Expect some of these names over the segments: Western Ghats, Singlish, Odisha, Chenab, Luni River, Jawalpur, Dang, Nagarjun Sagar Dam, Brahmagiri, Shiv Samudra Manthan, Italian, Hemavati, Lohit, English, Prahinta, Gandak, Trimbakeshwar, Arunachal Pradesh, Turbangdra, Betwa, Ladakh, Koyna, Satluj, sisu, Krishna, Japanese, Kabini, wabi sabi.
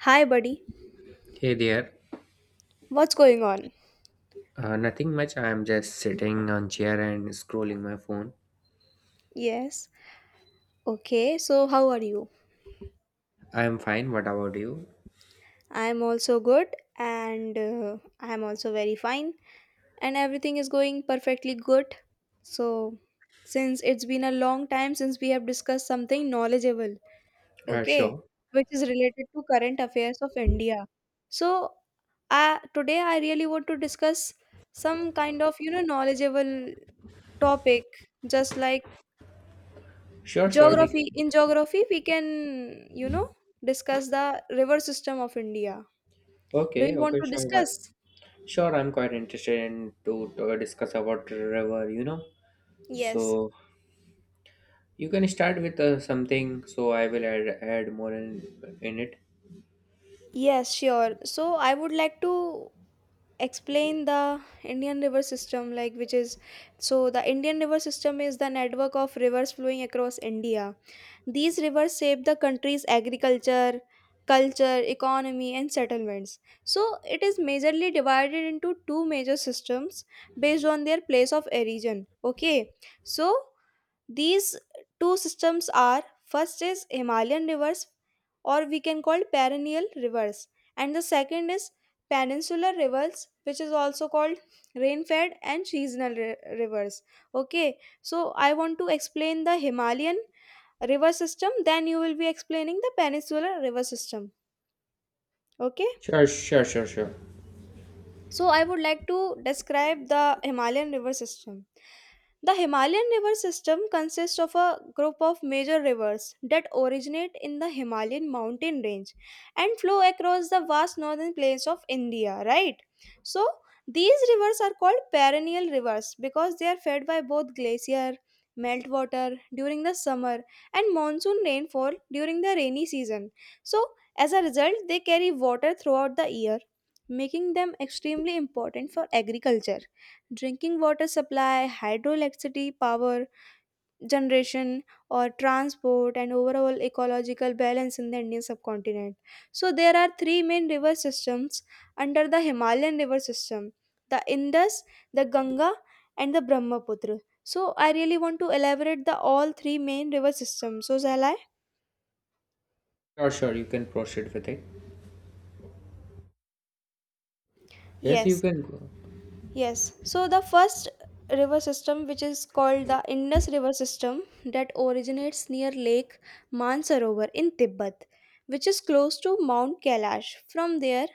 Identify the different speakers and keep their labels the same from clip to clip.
Speaker 1: Hi, buddy.
Speaker 2: Hey there.
Speaker 1: What's going on?
Speaker 2: Nothing much. I'm just sitting on chair and scrolling my phone.
Speaker 1: Yes. Okay, so how are you?
Speaker 2: I'm fine. What about you?
Speaker 1: I'm also good and I'm also very fine and everything is going perfectly good. So, since it's been a long time since we have discussed something knowledgeable,
Speaker 2: Uh,
Speaker 1: okay,
Speaker 2: sure.
Speaker 1: which is related to current affairs of India. So, today I really want to discuss some kind of, knowledgeable topic just like
Speaker 2: Sure. We
Speaker 1: Geography.
Speaker 2: can.
Speaker 1: In geography, we can, discuss the river system of India. Do
Speaker 2: Okay,
Speaker 1: you want
Speaker 2: okay,
Speaker 1: to
Speaker 2: sure. But
Speaker 1: discuss?
Speaker 2: sure, I'm quite interested to discuss about river. You know.
Speaker 1: Yes.
Speaker 2: So you can start with something. So I will add more in it.
Speaker 1: Yes, sure. So I would like to explain the Indian river system, like which is so the Indian river system is the network of rivers flowing across India. These rivers shape the country's agriculture, culture, economy, and settlements. So it is majorly divided into two major systems based on their place of origin. Okay, so these two systems are first is Himalayan rivers, or we can call perennial rivers, and the second is peninsular rivers, which is also called rain-fed and seasonal rivers. Okay, so I want to explain the Himalayan river system then you will be explaining the peninsular river system okay.
Speaker 2: Sure.
Speaker 1: So, I would like to describe the Himalayan river system. The Himalayan river system consists of a group of major rivers that originate in the Himalayan mountain range and flow across the vast northern plains of India, right? So, these rivers are called perennial rivers because they are fed by both glacier meltwater during the summer and monsoon rainfall during the rainy season. So, as a result, they carry water throughout the year, making them extremely important for agriculture, drinking water supply, hydroelectricity power generation, or transport, and overall ecological balance in the Indian subcontinent. So, there are three main river systems under the Himalayan river system: the Indus, the Ganga, and the Brahmaputra. So, I really want to elaborate the all three main river systems. So, shall I?
Speaker 2: Sure. You can proceed with it. Yes, you
Speaker 1: Yes.
Speaker 2: can go.
Speaker 1: Yes. So the first river system, which is called the Indus River system, that originates near Lake Mansarovar in Tibet, which is close to Mount Kailash. From there,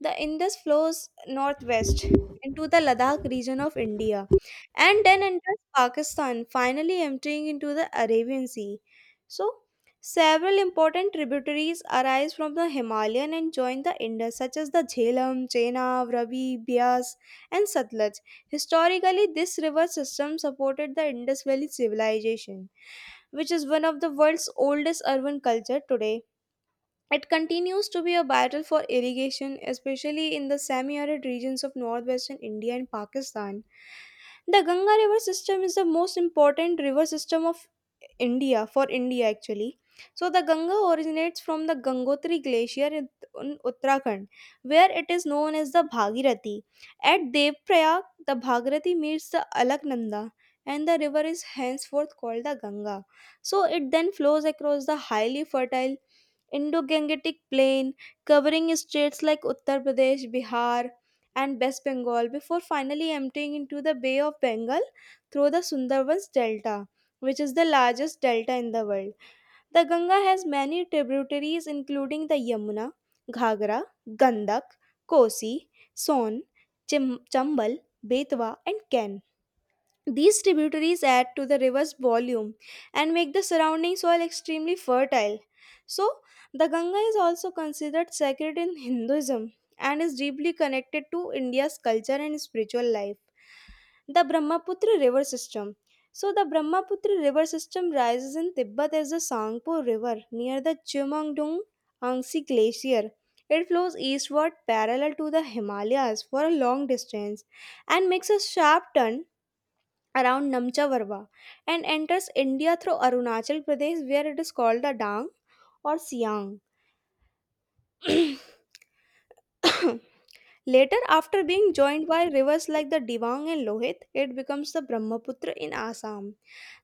Speaker 1: the Indus flows northwest into the Ladakh region of India and then enters Pakistan, finally emptying into the Arabian Sea. So, several important tributaries arise from the Himalayan and join the Indus, such as the Jhelum, Chenab, Ravi, Bias, and Satluj. Historically, this river system supported the Indus Valley civilization, which is one of the world's oldest urban culture today. It continues to be a battle for irrigation, especially in the semi-arid regions of northwestern India and Pakistan. The Ganga river system is the most important river system of India, for India actually. So the Ganga originates from the Gangotri glacier in Uttarakhand, where it is known as the Bhagirathi. At Devprayag, the Bhagirathi meets the Alaknanda, and the river is henceforth called the Ganga. So it then flows across the highly fertile Indo-Gangetic Plain, covering states like Uttar Pradesh, Bihar, and West Bengal before finally emptying into the Bay of Bengal through the Sundarbans Delta, which is the largest delta in the world. The Ganga has many tributaries including the Yamuna, Ghagra, Gandak, Kosi, Son, Chambal, Betwa, and Ken. These tributaries add to the river's volume and make the surrounding soil extremely fertile. So, the Ganga is also considered sacred in Hinduism and is deeply connected to India's culture and spiritual life. The Brahmaputra River System. So, the Brahmaputra River System rises in Tibet as the Sangpo River near the Chumangdung Angsi Glacier. It flows eastward parallel to the Himalayas for a long distance and makes a sharp turn around Namcha Varva and enters India through Arunachal Pradesh, where it is called the Dang or Siang. Later, after being joined by rivers like the Dibang and Lohit, it becomes the Brahmaputra in Assam.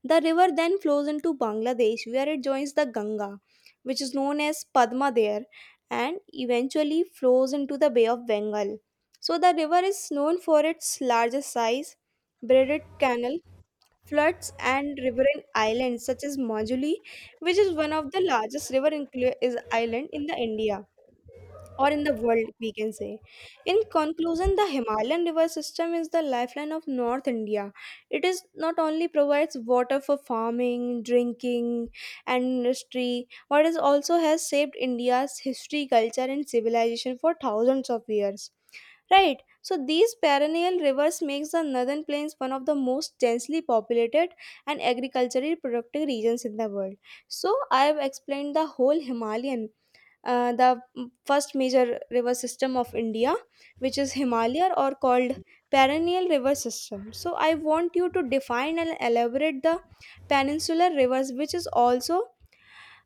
Speaker 1: The river then flows into Bangladesh, where it joins the Ganga, which is known as Padma there, and eventually flows into the Bay of Bengal. So, the river is known for its larger size, braided canal, floods, and riverine islands such as Majuli, which is one of the largest river is island in the India, or in the world, we can say. In conclusion, the Himalayan river system is the lifeline of North India. It is not only provides water for farming, drinking, and industry, but it also has shaped India's history, culture, and civilization for thousands of years. Right. So these perennial rivers makes the northern plains one of the most densely populated and agriculturally productive regions in the world. So I have explained the whole Himalayan, the first major river system of India, which is Himalaya or called perennial river system. So I want you to define and elaborate the peninsular rivers,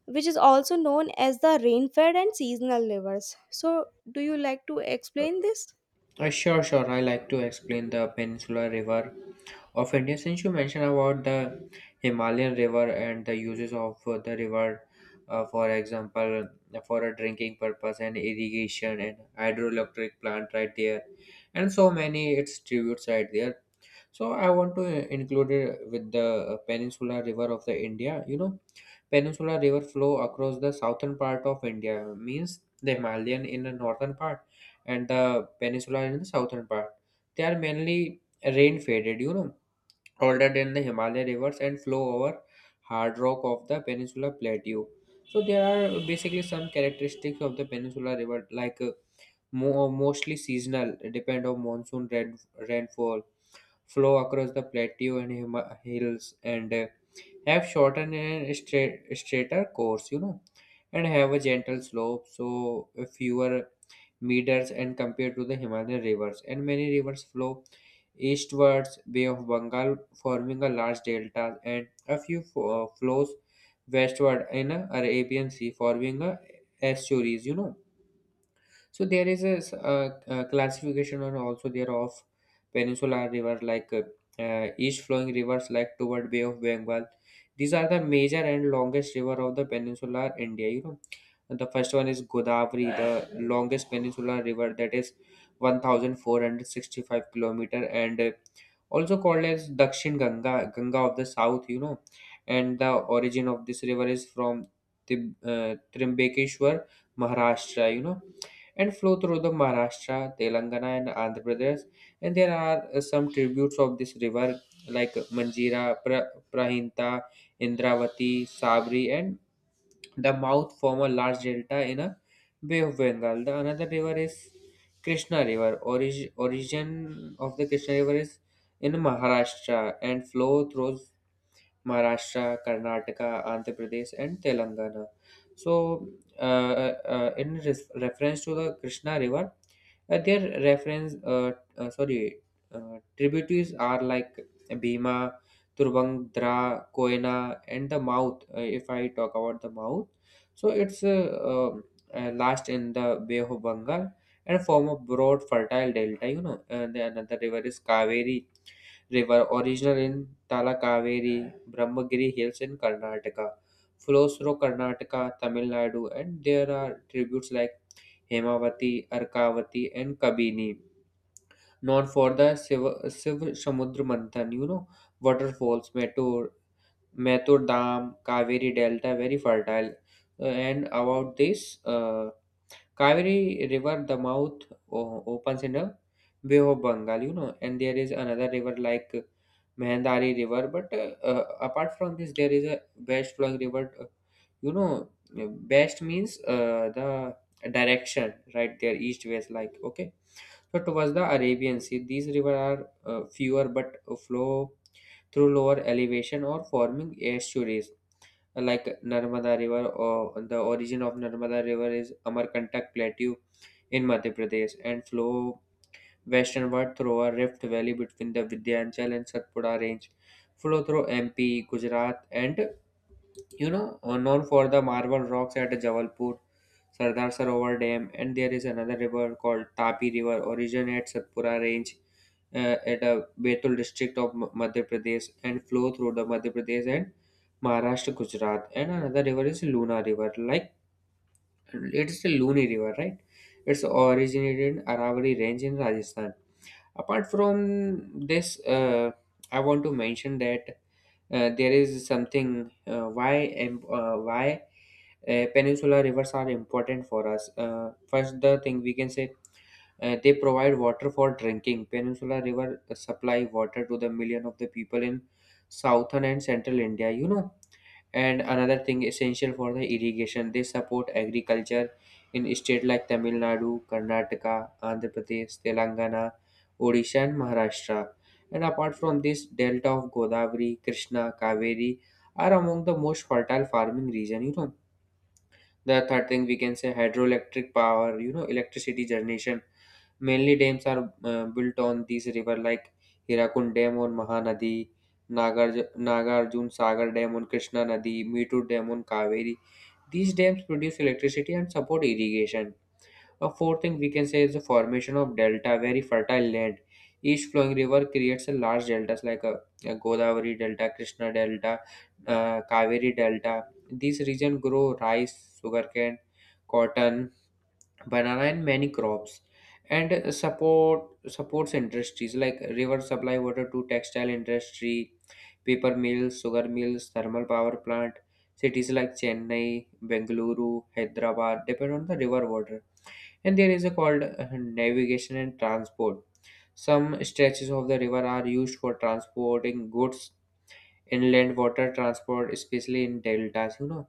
Speaker 1: which is also known as the rain-fed and seasonal rivers. So do you like to explain this?
Speaker 2: Sure. I like to explain the Peninsular River of India. Since you mentioned about the Himalayan River and the uses of the river, for example, for a drinking purpose and irrigation and hydroelectric plant right there, and so many its tributes right there. So I want to include it with the Peninsula River of the India. You know, Peninsula River flow across the southern part of India means the Himalayan in the northern part and the peninsula in the southern part. They are mainly rain faded, you know. Older than the Himalaya rivers and flow over hard rock of the Peninsula Plateau. So there are basically some characteristics of the Peninsula River, like mostly seasonal, depend on monsoon rainfall, flow across the plateau and hills, and have shorter and straighter course, you know, and have a gentle slope, so fewer meters and compared to the Himalayan rivers. And many rivers flow eastwards, Bay of Bengal forming a large delta, and a few flows westward in the Arabian Sea forming a estuaries. You know, so there is a, classification and also there of peninsular river like east flowing rivers like toward Bay of Bengal. These are the major and longest river of the peninsular India. You know, and the first one is Godavari, the longest peninsular river that is 1,465 kilometer and also called as Dakshin Ganga, Ganga of the South. You know, and the origin of this river is from Trimbakeshwar, Maharashtra. You know, and flow through the Maharashtra, Telangana, and Andhra Pradesh. And there are some tributes of this river like Manjira, Prahinta, Indravati, Sabri, and the mouth form a large delta in a Bay of Bengal. The another river is Krishna River. Origin of the Krishna River is in Maharashtra and flow through Maharashtra, Karnataka, Andhra Pradesh, and Telangana. So, uh, in reference to the Krishna River, sorry, tributaries are like Bhima, Turbangdra, Koyna, and the mouth. If I talk about the mouth, so it's last in the Bay of Bengal and form a broad fertile delta. You know, and the another river is Kaveri river, original in Talakaveri, Brahmagiri Hills in Karnataka, flows through Karnataka, Tamil Nadu, and there are tributes like Hemavati, Arkavati, and Kabini. Known for the Shiv Samudra Manthan, you know, waterfalls, Metur Dam, Kaveri Delta, very fertile. And about this, Kaveri River, the mouth opens in the Bay of Bengal, you know, and there is another river like Mehandari River. But apart from this, there is a best flowing river. You know, best means the direction right there, east west, like okay. So towards the Arabian Sea, these rivers are fewer but flow through lower elevation or forming estuaries like Narmada River or the origin of Narmada River is Amarkantak Plateau in Madhya Pradesh and flow westernward through a rift valley between the Vindhyachal and Satpura range, flow through MP, Gujarat and you know, known for the marble rocks at Jawalpur, Sardar Sarovar Dam, and there is another river called Tapi River, origin at Satpura Range at a Betul district of Madhya Pradesh and flow through the Madhya Pradesh and Maharashtra, Gujarat. And another river is Luna River, like it is a Luni River, right? It's originated in Aravalli Range in Rajasthan. Apart from this, I want to mention that there is something why peninsular rivers are important for us. First, the thing we can say they provide water for drinking. Peninsular river supply water to the million of the people in southern and central India. You know, and another thing essential for the irrigation, they support agriculture in states like Tamil Nadu, Karnataka, Andhra Pradesh, Telangana, Odisha, and Maharashtra. And apart from this, delta of Godavari, Krishna, Kaveri are among the most fertile farming region. You know, the third thing we can say hydroelectric power. You know, electricity generation mainly dams are built on these river like Hirakund Dam on Mahanadi, Nagarjun Sagar Dam on Krishna Nadi, Meetur Dam on Kaveri. These dams produce electricity and support irrigation. A fourth thing we can say is the formation of delta, very fertile land. Each flowing river creates a large deltas like a Godavari Delta, Krishna Delta, Kaveri Delta. These region grow rice, sugarcane, cotton, banana and many crops and supports industries like river supply water to textile industry, paper mills, sugar mills, thermal power plant. Cities like Chennai, Bengaluru, Hyderabad depend on the river water and there is a called navigation and transport. Some stretches of the river are used for transporting goods, inland water transport especially in deltas, you know,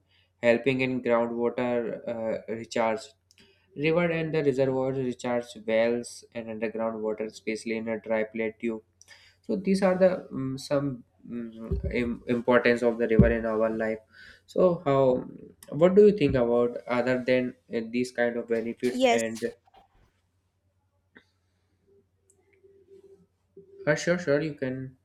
Speaker 2: helping in groundwater uh, recharge. River and the reservoirs recharge wells and underground water especially in a dry plateau. So these are the some importance of the river in our life. So how what do you think about other than these kind of benefits
Speaker 1: Yes,
Speaker 2: and sure you can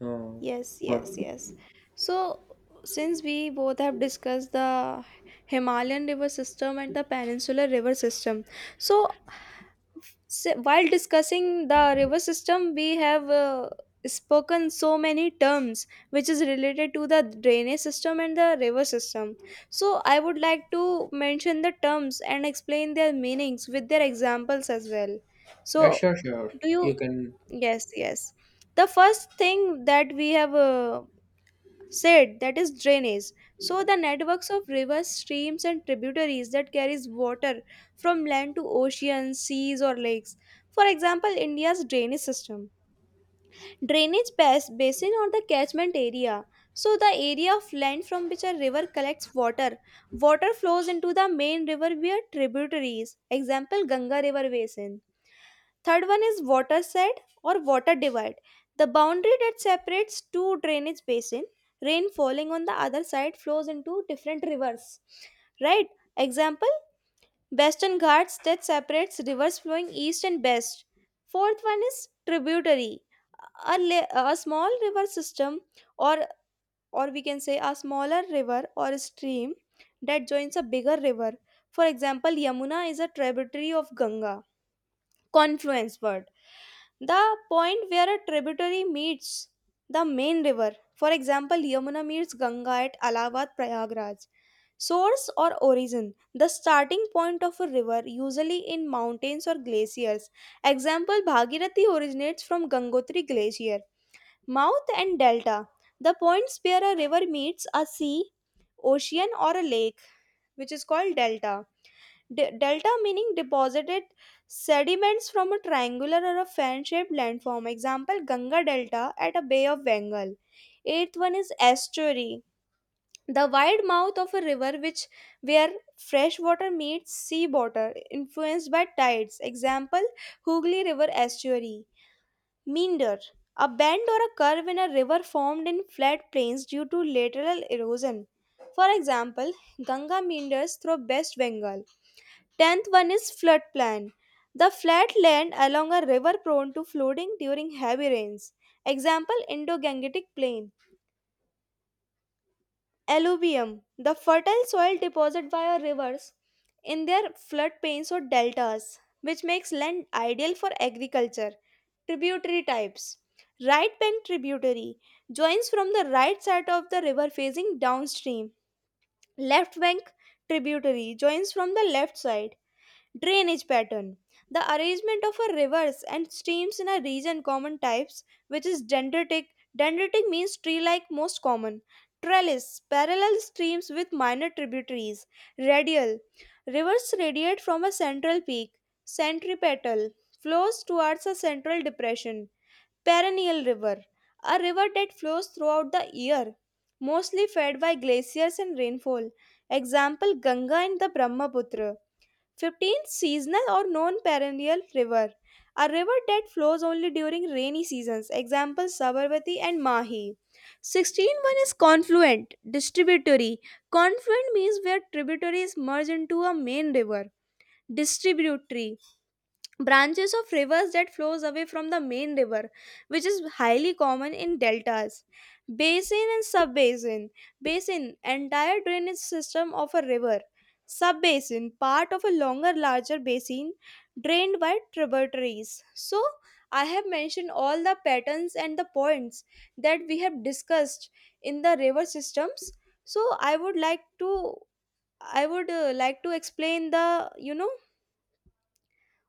Speaker 2: uh,
Speaker 1: yes,
Speaker 2: what
Speaker 1: yes, yes. So, since we both have discussed the Himalayan river system and the peninsular river system, so while discussing the river system, we have spoken so many terms which is related to the drainage system and the river system. So, I would like to mention the terms and explain their meanings with their examples as well.
Speaker 2: uh,
Speaker 1: So,
Speaker 2: sure sure
Speaker 1: do you
Speaker 2: you can
Speaker 1: Yes, yes. The first thing that we have said that is drainage. So the networks of rivers, streams, and tributaries that carries water from land to oceans, seas, or lakes. For example, India's drainage system. Drainage basin, or the catchment area, so the area of land from which a river collects water. Water flows into the main river via tributaries. Example: Ganga river basin. Third one is water shed or water divide, the boundary that separates two drainage basin. Rain falling on the other side flows into different rivers, right? Example: Western Ghats that separates rivers flowing east and west. Fourth one is tributary, a small river system, or or we can say a smaller river or stream that joins a bigger river. For example, Yamuna is a tributary of Ganga. Confluence word: the point where a tributary meets the main river. For example, Yamuna meets Ganga at Allahabad, Prayagraj. Source or origin: the starting point of a river, usually in mountains or glaciers. Example: Bhagirathi originates from Gangotri glacier. Mouth and delta: the points where a river meets a sea, ocean, or a lake, which is called delta. Delta meaning deposited sediments from a triangular or a fan-shaped landform. Example: Ganga Delta at a Bay of Bengal. Eighth one is estuary, the wide mouth of a river which where fresh water meets sea water, influenced by tides. Example: Hooghly River estuary. Meander, a bend or a curve in a river formed in flat plains due to lateral erosion. For example, Ganga meanders through West Bengal. Tenth one is floodplain, the flat land along a river prone to flooding during heavy rains. Example: Indo-Gangetic Plain. Alluvium, the fertile soil deposited via rivers in their floodplains or deltas, which makes land ideal for agriculture. Tributary types. Right bank tributary joins from the right side of the river facing downstream. Left bank tributary joins from the left side. Drainage pattern: the arrangement of a rivers and streams in a region. Common types, which is dendritic. Dendritic means tree like, most common. Trellis: parallel streams with minor tributaries. Radial: rivers radiate from a central peak. Centripetal: flows towards a central depression. Perennial river: a river that flows throughout the year, mostly fed by glaciers and rainfall. Example: Ganga and the Brahmaputra. 15th: seasonal or non-perennial river, a river that flows only during rainy seasons. Example: Sabarmati and Mahi. 16 one is confluent, distributory. Confluent means where tributaries merge into a main river. Distributary: branches of rivers that flows away from the main river, which is highly common in deltas. Basin and subbasin: basin, entire drainage system of a river; subbasin, part of a longer larger basin drained by tributaries. So I have mentioned all the patterns and the points that we have discussed in the river systems. So I would like to, I would like to explain the, you know,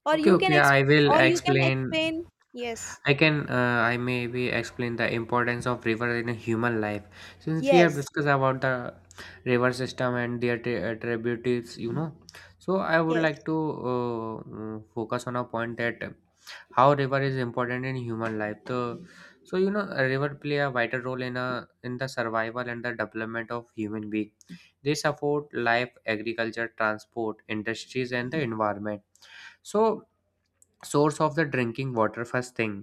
Speaker 1: or
Speaker 2: okay,
Speaker 1: you can
Speaker 2: okay, I
Speaker 1: exp-
Speaker 2: will
Speaker 1: or you can
Speaker 2: explain.
Speaker 1: explain. Yes,
Speaker 2: I can, I maybe explain the importance of river in a human life. Since we have
Speaker 1: yes,
Speaker 2: discussed about the river system and their tributaries, you know. So I would
Speaker 1: yes.
Speaker 2: like to focus on a point that how river is important in human life. So, so you know, a river play a vital role in a in the survival and the development of human being. They support life, agriculture, transport, industries, and the environment. So source of the drinking water first thing,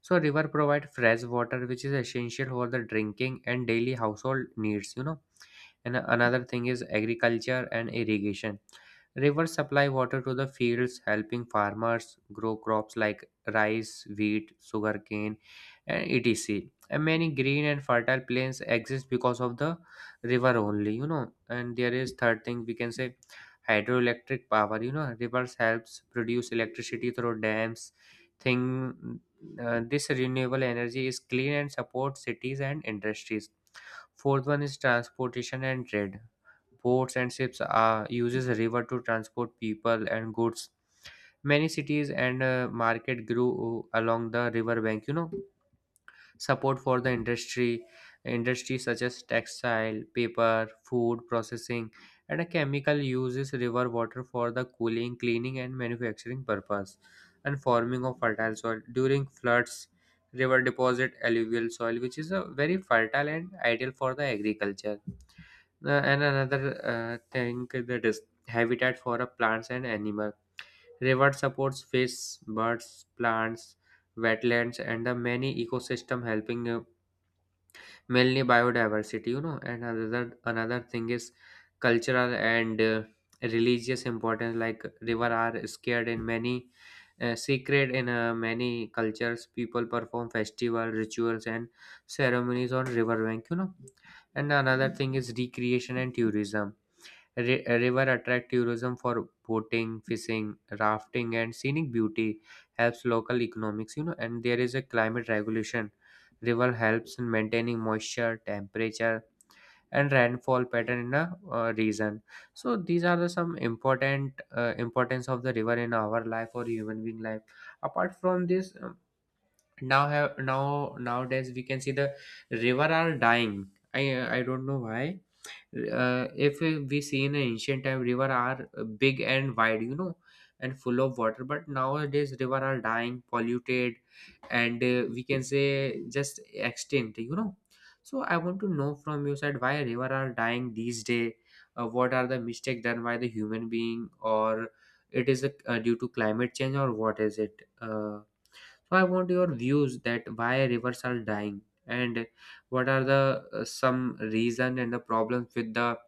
Speaker 2: so river provide fresh water which is essential for the drinking and daily household needs, you know, and another thing is agriculture and irrigation. Rivers supply water to the fields helping farmers grow crops like rice, wheat, sugarcane, and etc, and many green and fertile plains exist because of the river only, you know, and there is third thing we can say hydroelectric power. You know, rivers helps produce electricity through dams thing. This renewable energy is clean and supports cities and industries. Fourth one is transportation and trade. Boats and ships are uses river to transport people and goods. Many cities and market grew along the river bank. You know. Support for the industry, industries such as textile, paper, food processing, and a chemical uses river water for the cooling, cleaning, and manufacturing purpose, and forming of fertile soil during floods. River deposit alluvial soil, which is a very fertile and ideal for the agriculture. And another thing that is habitat for a plants and animal. River supports fish, birds, plants, wetlands, and the many ecosystem helping mainly biodiversity, you know, and another thing is cultural and religious importance like river are scared in many sacred in many cultures. People perform festival rituals and ceremonies on riverbank, you know, and another thing is recreation and tourism. River attract tourism for boating, fishing, rafting, and scenic beauty. Helps local economics, you know. And there is a climate regulation. River helps in maintaining moisture, temperature, and rainfall pattern in a region. So these are the some important importance of the river in our life or human being life. Apart from this, now have now nowadays we can see the river are dying. I I don't know why. If we see in ancient time river are big and wide, you know, and full of water but nowadays river are dying, polluted and we can say just extinct, you know, so I want to know from your side why river are dying these day. What are the mistake done by the human being or it is a, due to climate change or what is it? So I want your views that why rivers are dying and what are the some reason and the problems with the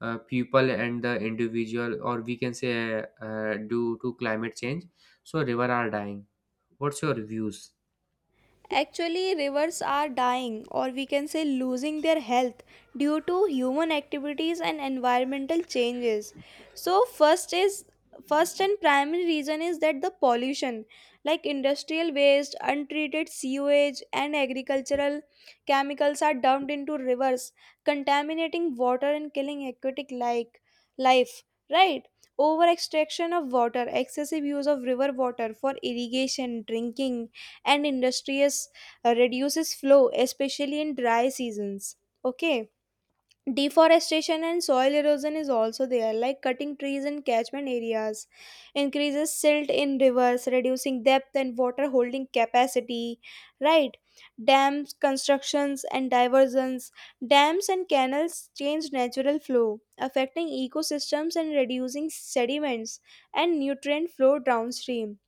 Speaker 2: people and the individual or we can say due to climate change. So river are dying. What's your views?
Speaker 1: Actually, rivers are dying, or we can say losing their health due to human activities and environmental changes. So, first and primary reason is that the pollution, like industrial waste, untreated sewage, and agricultural chemicals are dumped into rivers, contaminating water and killing aquatic like life, right? Over extraction of water: excessive use of river water for irrigation, drinking, and industries reduces flow, especially in dry seasons. Okay. Deforestation and soil erosion is also there, like cutting trees in catchment areas, increases silt in rivers, reducing depth and water holding capacity, right? Dams, constructions, and diversions. Dams and canals change natural flow, affecting ecosystems and reducing sediments and nutrient flow downstream.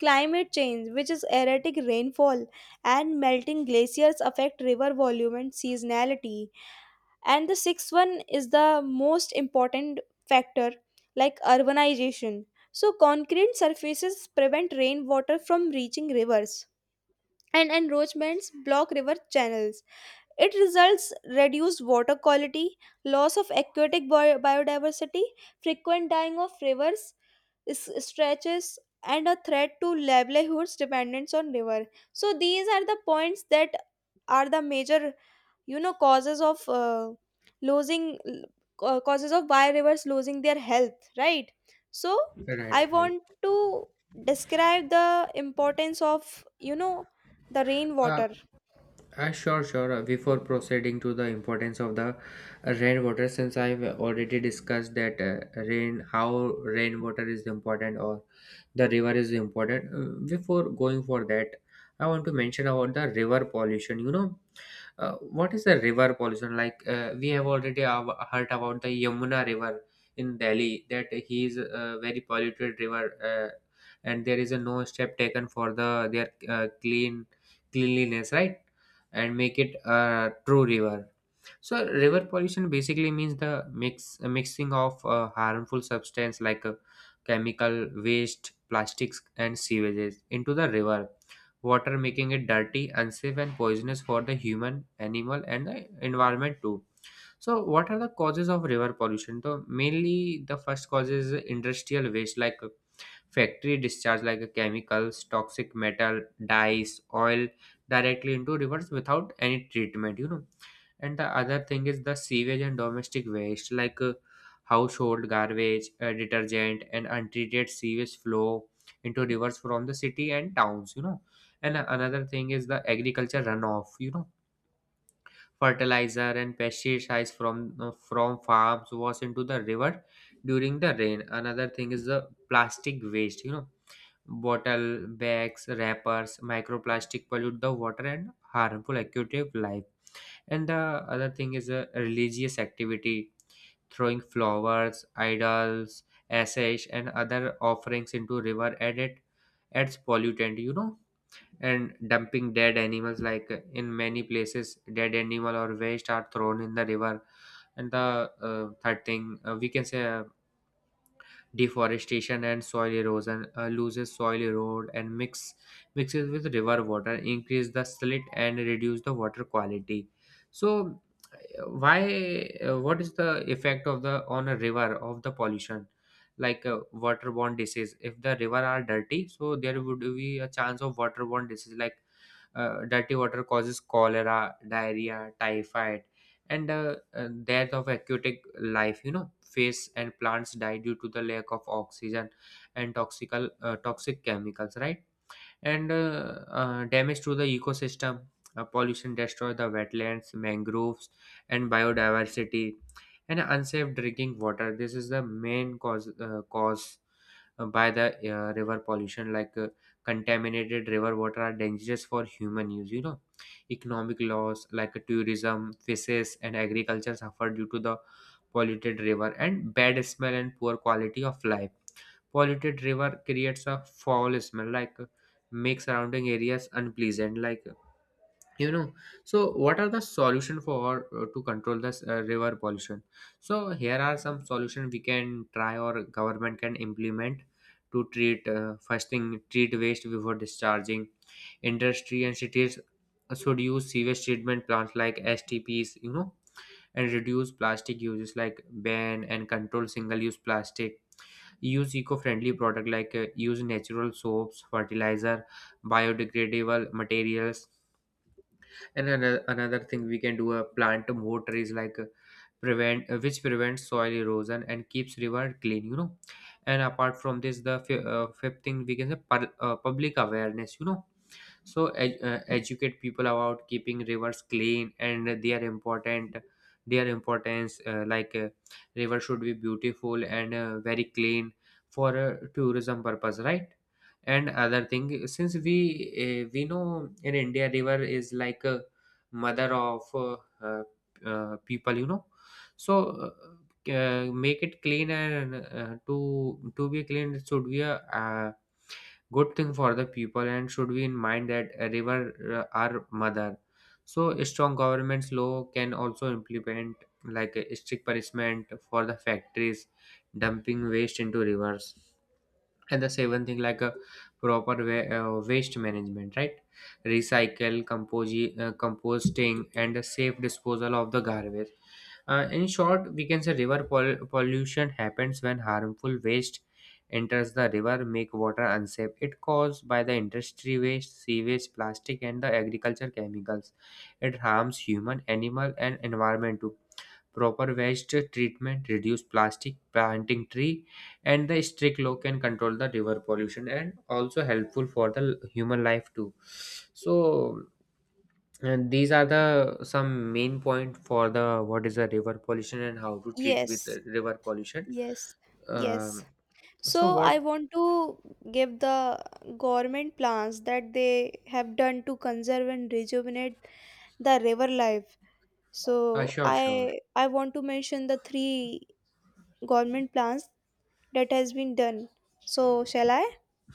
Speaker 1: Climate change, which is erratic rainfall and melting glaciers, affect river volume and seasonality. And the sixth one is the most important factor, like urbanization. So concrete surfaces prevent rainwater from reaching rivers and encroachments block river channels. It results reduced water quality, loss of aquatic biodiversity, frequent dying of rivers stretches, and a threat to livelihoods dependence on river. So these are the points that are the major causes of losing, causes of biodiverse losing their health, right? So I
Speaker 2: Right, right.
Speaker 1: want to describe the importance of you know the
Speaker 2: Uh,
Speaker 1: rainwater.
Speaker 2: sure. Before proceeding to the importance of the rainwater, since I've already discussed that how rainwater is important or the river is important. Before going for that, I want to mention about the river pollution. What is the river pollution? Like we have already heard about the Yamuna River in Delhi, that he is a very polluted river, and there is a no step taken for the their cleanliness, right? And make it a true river. So river pollution basically means the mixing of harmful substance like chemical waste, plastics, and sewages into the river water, making it dirty, unsafe, and poisonous for the human, animal, and the environment too. So, what are the causes of river pollution? So, mainly the first cause is industrial waste like factory discharge like a chemicals, toxic metal, dyes, oil directly into rivers without any treatment, And the other thing is the sewage and domestic waste like household garbage, detergent, and untreated sewage flow into rivers from the city and towns, And another thing is the agriculture runoff, Fertilizer and pesticides from farms was into the river during the rain. Another thing is the plastic waste, Bottle, bags, wrappers, microplastic pollute the water and harmful aquatic life. And the other thing is a religious activity, throwing flowers, idols, ashes, and other offerings into river and it adds pollutant. And dumping dead animals, like in many places, dead animal or waste are thrown in the river. And the third thing we can say deforestation and soil erosion loses soil erode and mixes with river water increase the slit and reduce the water quality. So why what is the effect of the on a river of the pollution, like waterborne disease. If the river are dirty, so there would be a chance of waterborne disease like dirty water causes cholera, diarrhea, typhoid, and death of aquatic life. You know, fish and plants die due to the lack of oxygen and toxic chemicals. Right. And damage to the ecosystem. Pollution destroy the wetlands, mangroves, and biodiversity, and unsafe drinking water. This is the main cause by the river pollution. Like contaminated river water are dangerous for human use. You know, economic loss like tourism, fishes, and agriculture suffer due to the polluted river. And bad smell and poor quality of life, polluted river creates a foul smell like make surrounding areas unpleasant like you know. So what are the solution for to control this river pollution? So here are some solution we can try or government can implement to treat. First thing, treat waste before discharging. Industry and cities should use sewage treatment plants like STPs, you know, and reduce plastic uses like ban and control single use plastic. Use eco-friendly product like use natural soaps, fertilizer, biodegradable materials. And another thing we can do a plant more trees like prevent which prevents soil erosion and keeps river clean, you know. And apart from this, the fifth thing we can say, public awareness, you know. So educate people about keeping rivers clean and their importance, like river should be beautiful and very clean for tourism purpose, right? And other thing, since we know, in India river is like a mother of uh, people, you know. So uh, make it clean, and to be clean, it should be a good thing for the people, and should be in mind that a river are mother. So strong government's law can also implement, like a strict punishment for the factories dumping waste into rivers. And the seventh thing, like a proper waste management, right? Recycle, composting, and the safe disposal of the garbage. In short, we can say river pollution happens when harmful waste enters the river, make water unsafe. It caused by the industry waste, sewage, plastic, and the agriculture chemicals. It harms human, animal, and environment too. Proper waste treatment, reduce plastic, planting tree, and the strict law can control the river pollution and also helpful for the human life too. So and these are the some main point for the what is the river pollution and how to treat with
Speaker 1: Yes,
Speaker 2: the river pollution.
Speaker 1: yes, yes.
Speaker 2: Um,
Speaker 1: So
Speaker 2: so what?
Speaker 1: I want to give the government plans that they have done to conserve and rejuvenate the river life.
Speaker 2: Uh,
Speaker 1: So
Speaker 2: sure, sure.
Speaker 1: I want to mention the three government plans that has been done. So, shall I?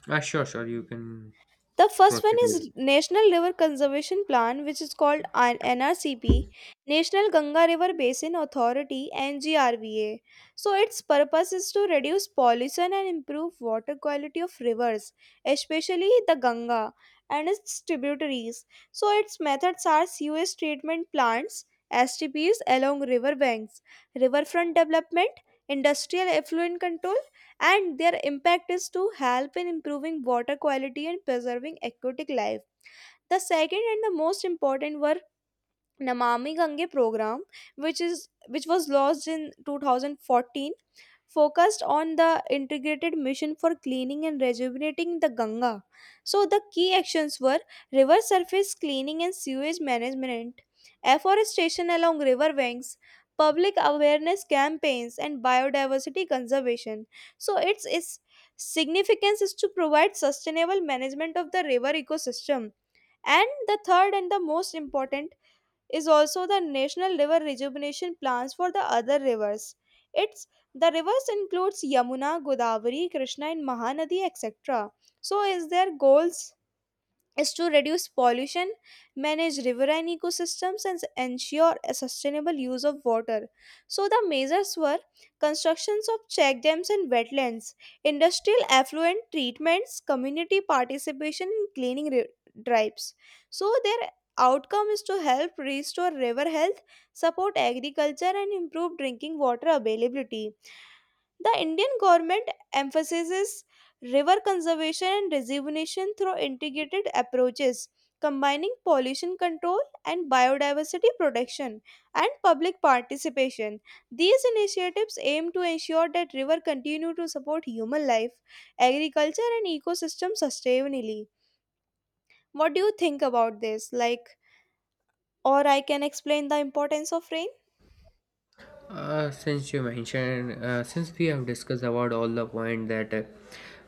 Speaker 2: Sure, sure. You can
Speaker 1: The first one
Speaker 2: proceed with.
Speaker 1: is National River Conservation Plan, which is called NRCP, National Ganga River Basin Authority, NGRBA. So, its purpose is to reduce pollution and improve water quality of rivers, especially the Ganga and its tributaries. So, its methods are sewage treatment plants, STPs along river banks, riverfront development, industrial effluent control, and their impact is to help in improving water quality and preserving aquatic life. The second and the most important were Namami Gange program, which was launched in 2014, focused on the integrated mission for cleaning and rejuvenating the Ganga. So, the key actions were river surface cleaning and sewage management, afforestation along river banks, public awareness campaigns, and biodiversity conservation. So, its significance is to provide sustainable management of the river ecosystem. And the third and the most important is also the national river rejuvenation plans for the other rivers. It's the rivers includes Yamuna, Godavari, Krishna, and Mahanadi, etc. So, is their goals is to reduce pollution, manage riverine ecosystems, and ensure a sustainable use of water. So, the measures were constructions of check dams and wetlands, industrial effluent treatments, community participation in cleaning drives. So, their outcome is to help restore river health, support agriculture, and improve drinking water availability. The Indian government emphasizes river conservation and rejuvenation through integrated approaches, combining pollution control and biodiversity protection and public participation. These initiatives aim to ensure that rivers continue to support human life, agriculture and ecosystem sustainably. What do you think about this, like, or I can explain the importance of rain?
Speaker 2: Since you mentioned, since we have discussed about all the point that uh,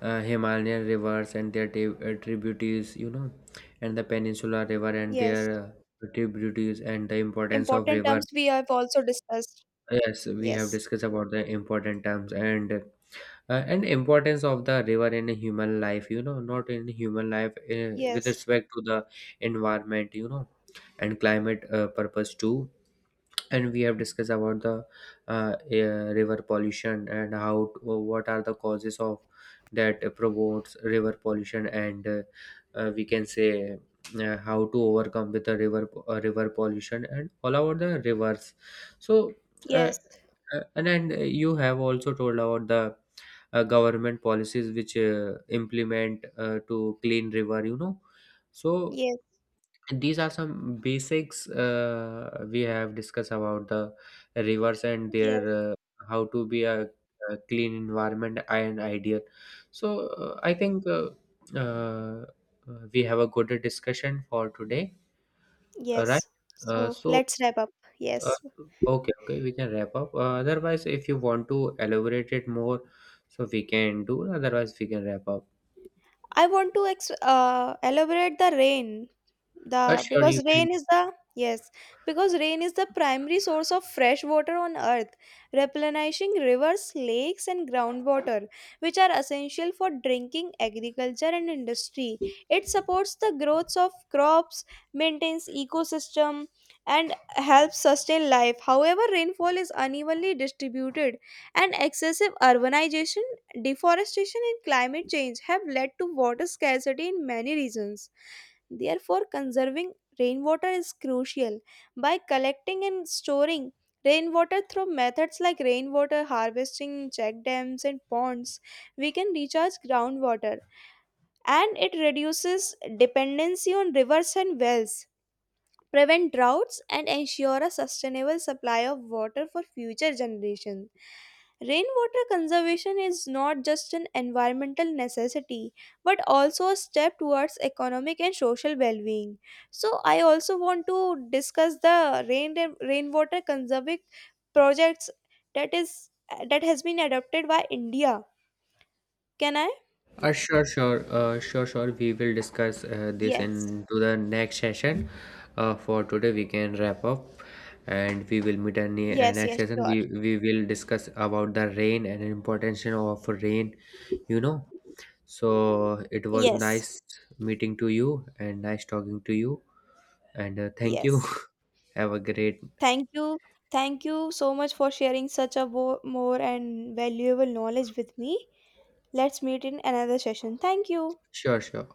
Speaker 2: uh, Himalayan rivers and their tributaries, you know, and the Peninsula River and their
Speaker 1: Yes,
Speaker 2: tributaries and the importance of
Speaker 1: important
Speaker 2: river.
Speaker 1: terms we have also discussed.
Speaker 2: Yes, we have
Speaker 1: Yes,
Speaker 2: discussed about the important terms and importance of the river in a human life. You know, not in human life with
Speaker 1: yes,
Speaker 2: respect to the environment. You know, and climate purpose too. And we have discussed about the river pollution, and what are the causes of that promotes river pollution, and we can say how to overcome with the river river pollution and all about the rivers. So uh,
Speaker 1: yes,
Speaker 2: and you have also told about the government policies which implement to clean river, you know. So
Speaker 1: yes,
Speaker 2: and these are some basics we have discussed about the rivers and their
Speaker 1: yes.
Speaker 2: how to be a clean environment and ideal. So I think uh, we have a good discussion for today, right?
Speaker 1: Yes.
Speaker 2: uh,
Speaker 1: So
Speaker 2: so
Speaker 1: let's wrap up.
Speaker 2: uh,
Speaker 1: Yes.
Speaker 2: okay, we can wrap up, otherwise if you want to elaborate it more, so we can do, otherwise we can wrap up.
Speaker 1: I want to elaborate the rain. The
Speaker 2: Sure, you
Speaker 1: Because
Speaker 2: can.
Speaker 1: rain is the yes, because rain is the primary source of fresh water on earth, replenishing rivers, lakes and groundwater, which are essential for drinking, agriculture and industry. It supports the growth of crops, maintains ecosystem and helps sustain life. However, rainfall is unevenly distributed and excessive urbanization, deforestation and climate change have led to water scarcity in many regions. Therefore, conserving rainwater is crucial. By collecting and storing rainwater through methods like rainwater harvesting, check dams, and ponds, we can recharge groundwater and it reduces dependency on rivers and wells, prevent droughts, and ensure a sustainable supply of water for future generations. Rainwater conservation is not just an environmental necessity but also a step towards economic and social well-being. So I also want to discuss the rainwater conserving projects that is that has been adopted by India. Can I?
Speaker 2: Sure, sure. We will discuss this
Speaker 1: Yes.
Speaker 2: into the next session. For today, we can wrap up, and we will meet in the
Speaker 1: Yes,
Speaker 2: next
Speaker 1: yes,
Speaker 2: session.
Speaker 1: sure.
Speaker 2: We will discuss about the rain and importance of rain. You know, so it was
Speaker 1: Yes.
Speaker 2: nice meeting to you and nice talking to you. And thank you.
Speaker 1: Yes.
Speaker 2: Have a great.
Speaker 1: Thank you. Thank you so much for sharing such a more and valuable knowledge with me. Let's meet in another session. Thank you.
Speaker 2: Sure, sure.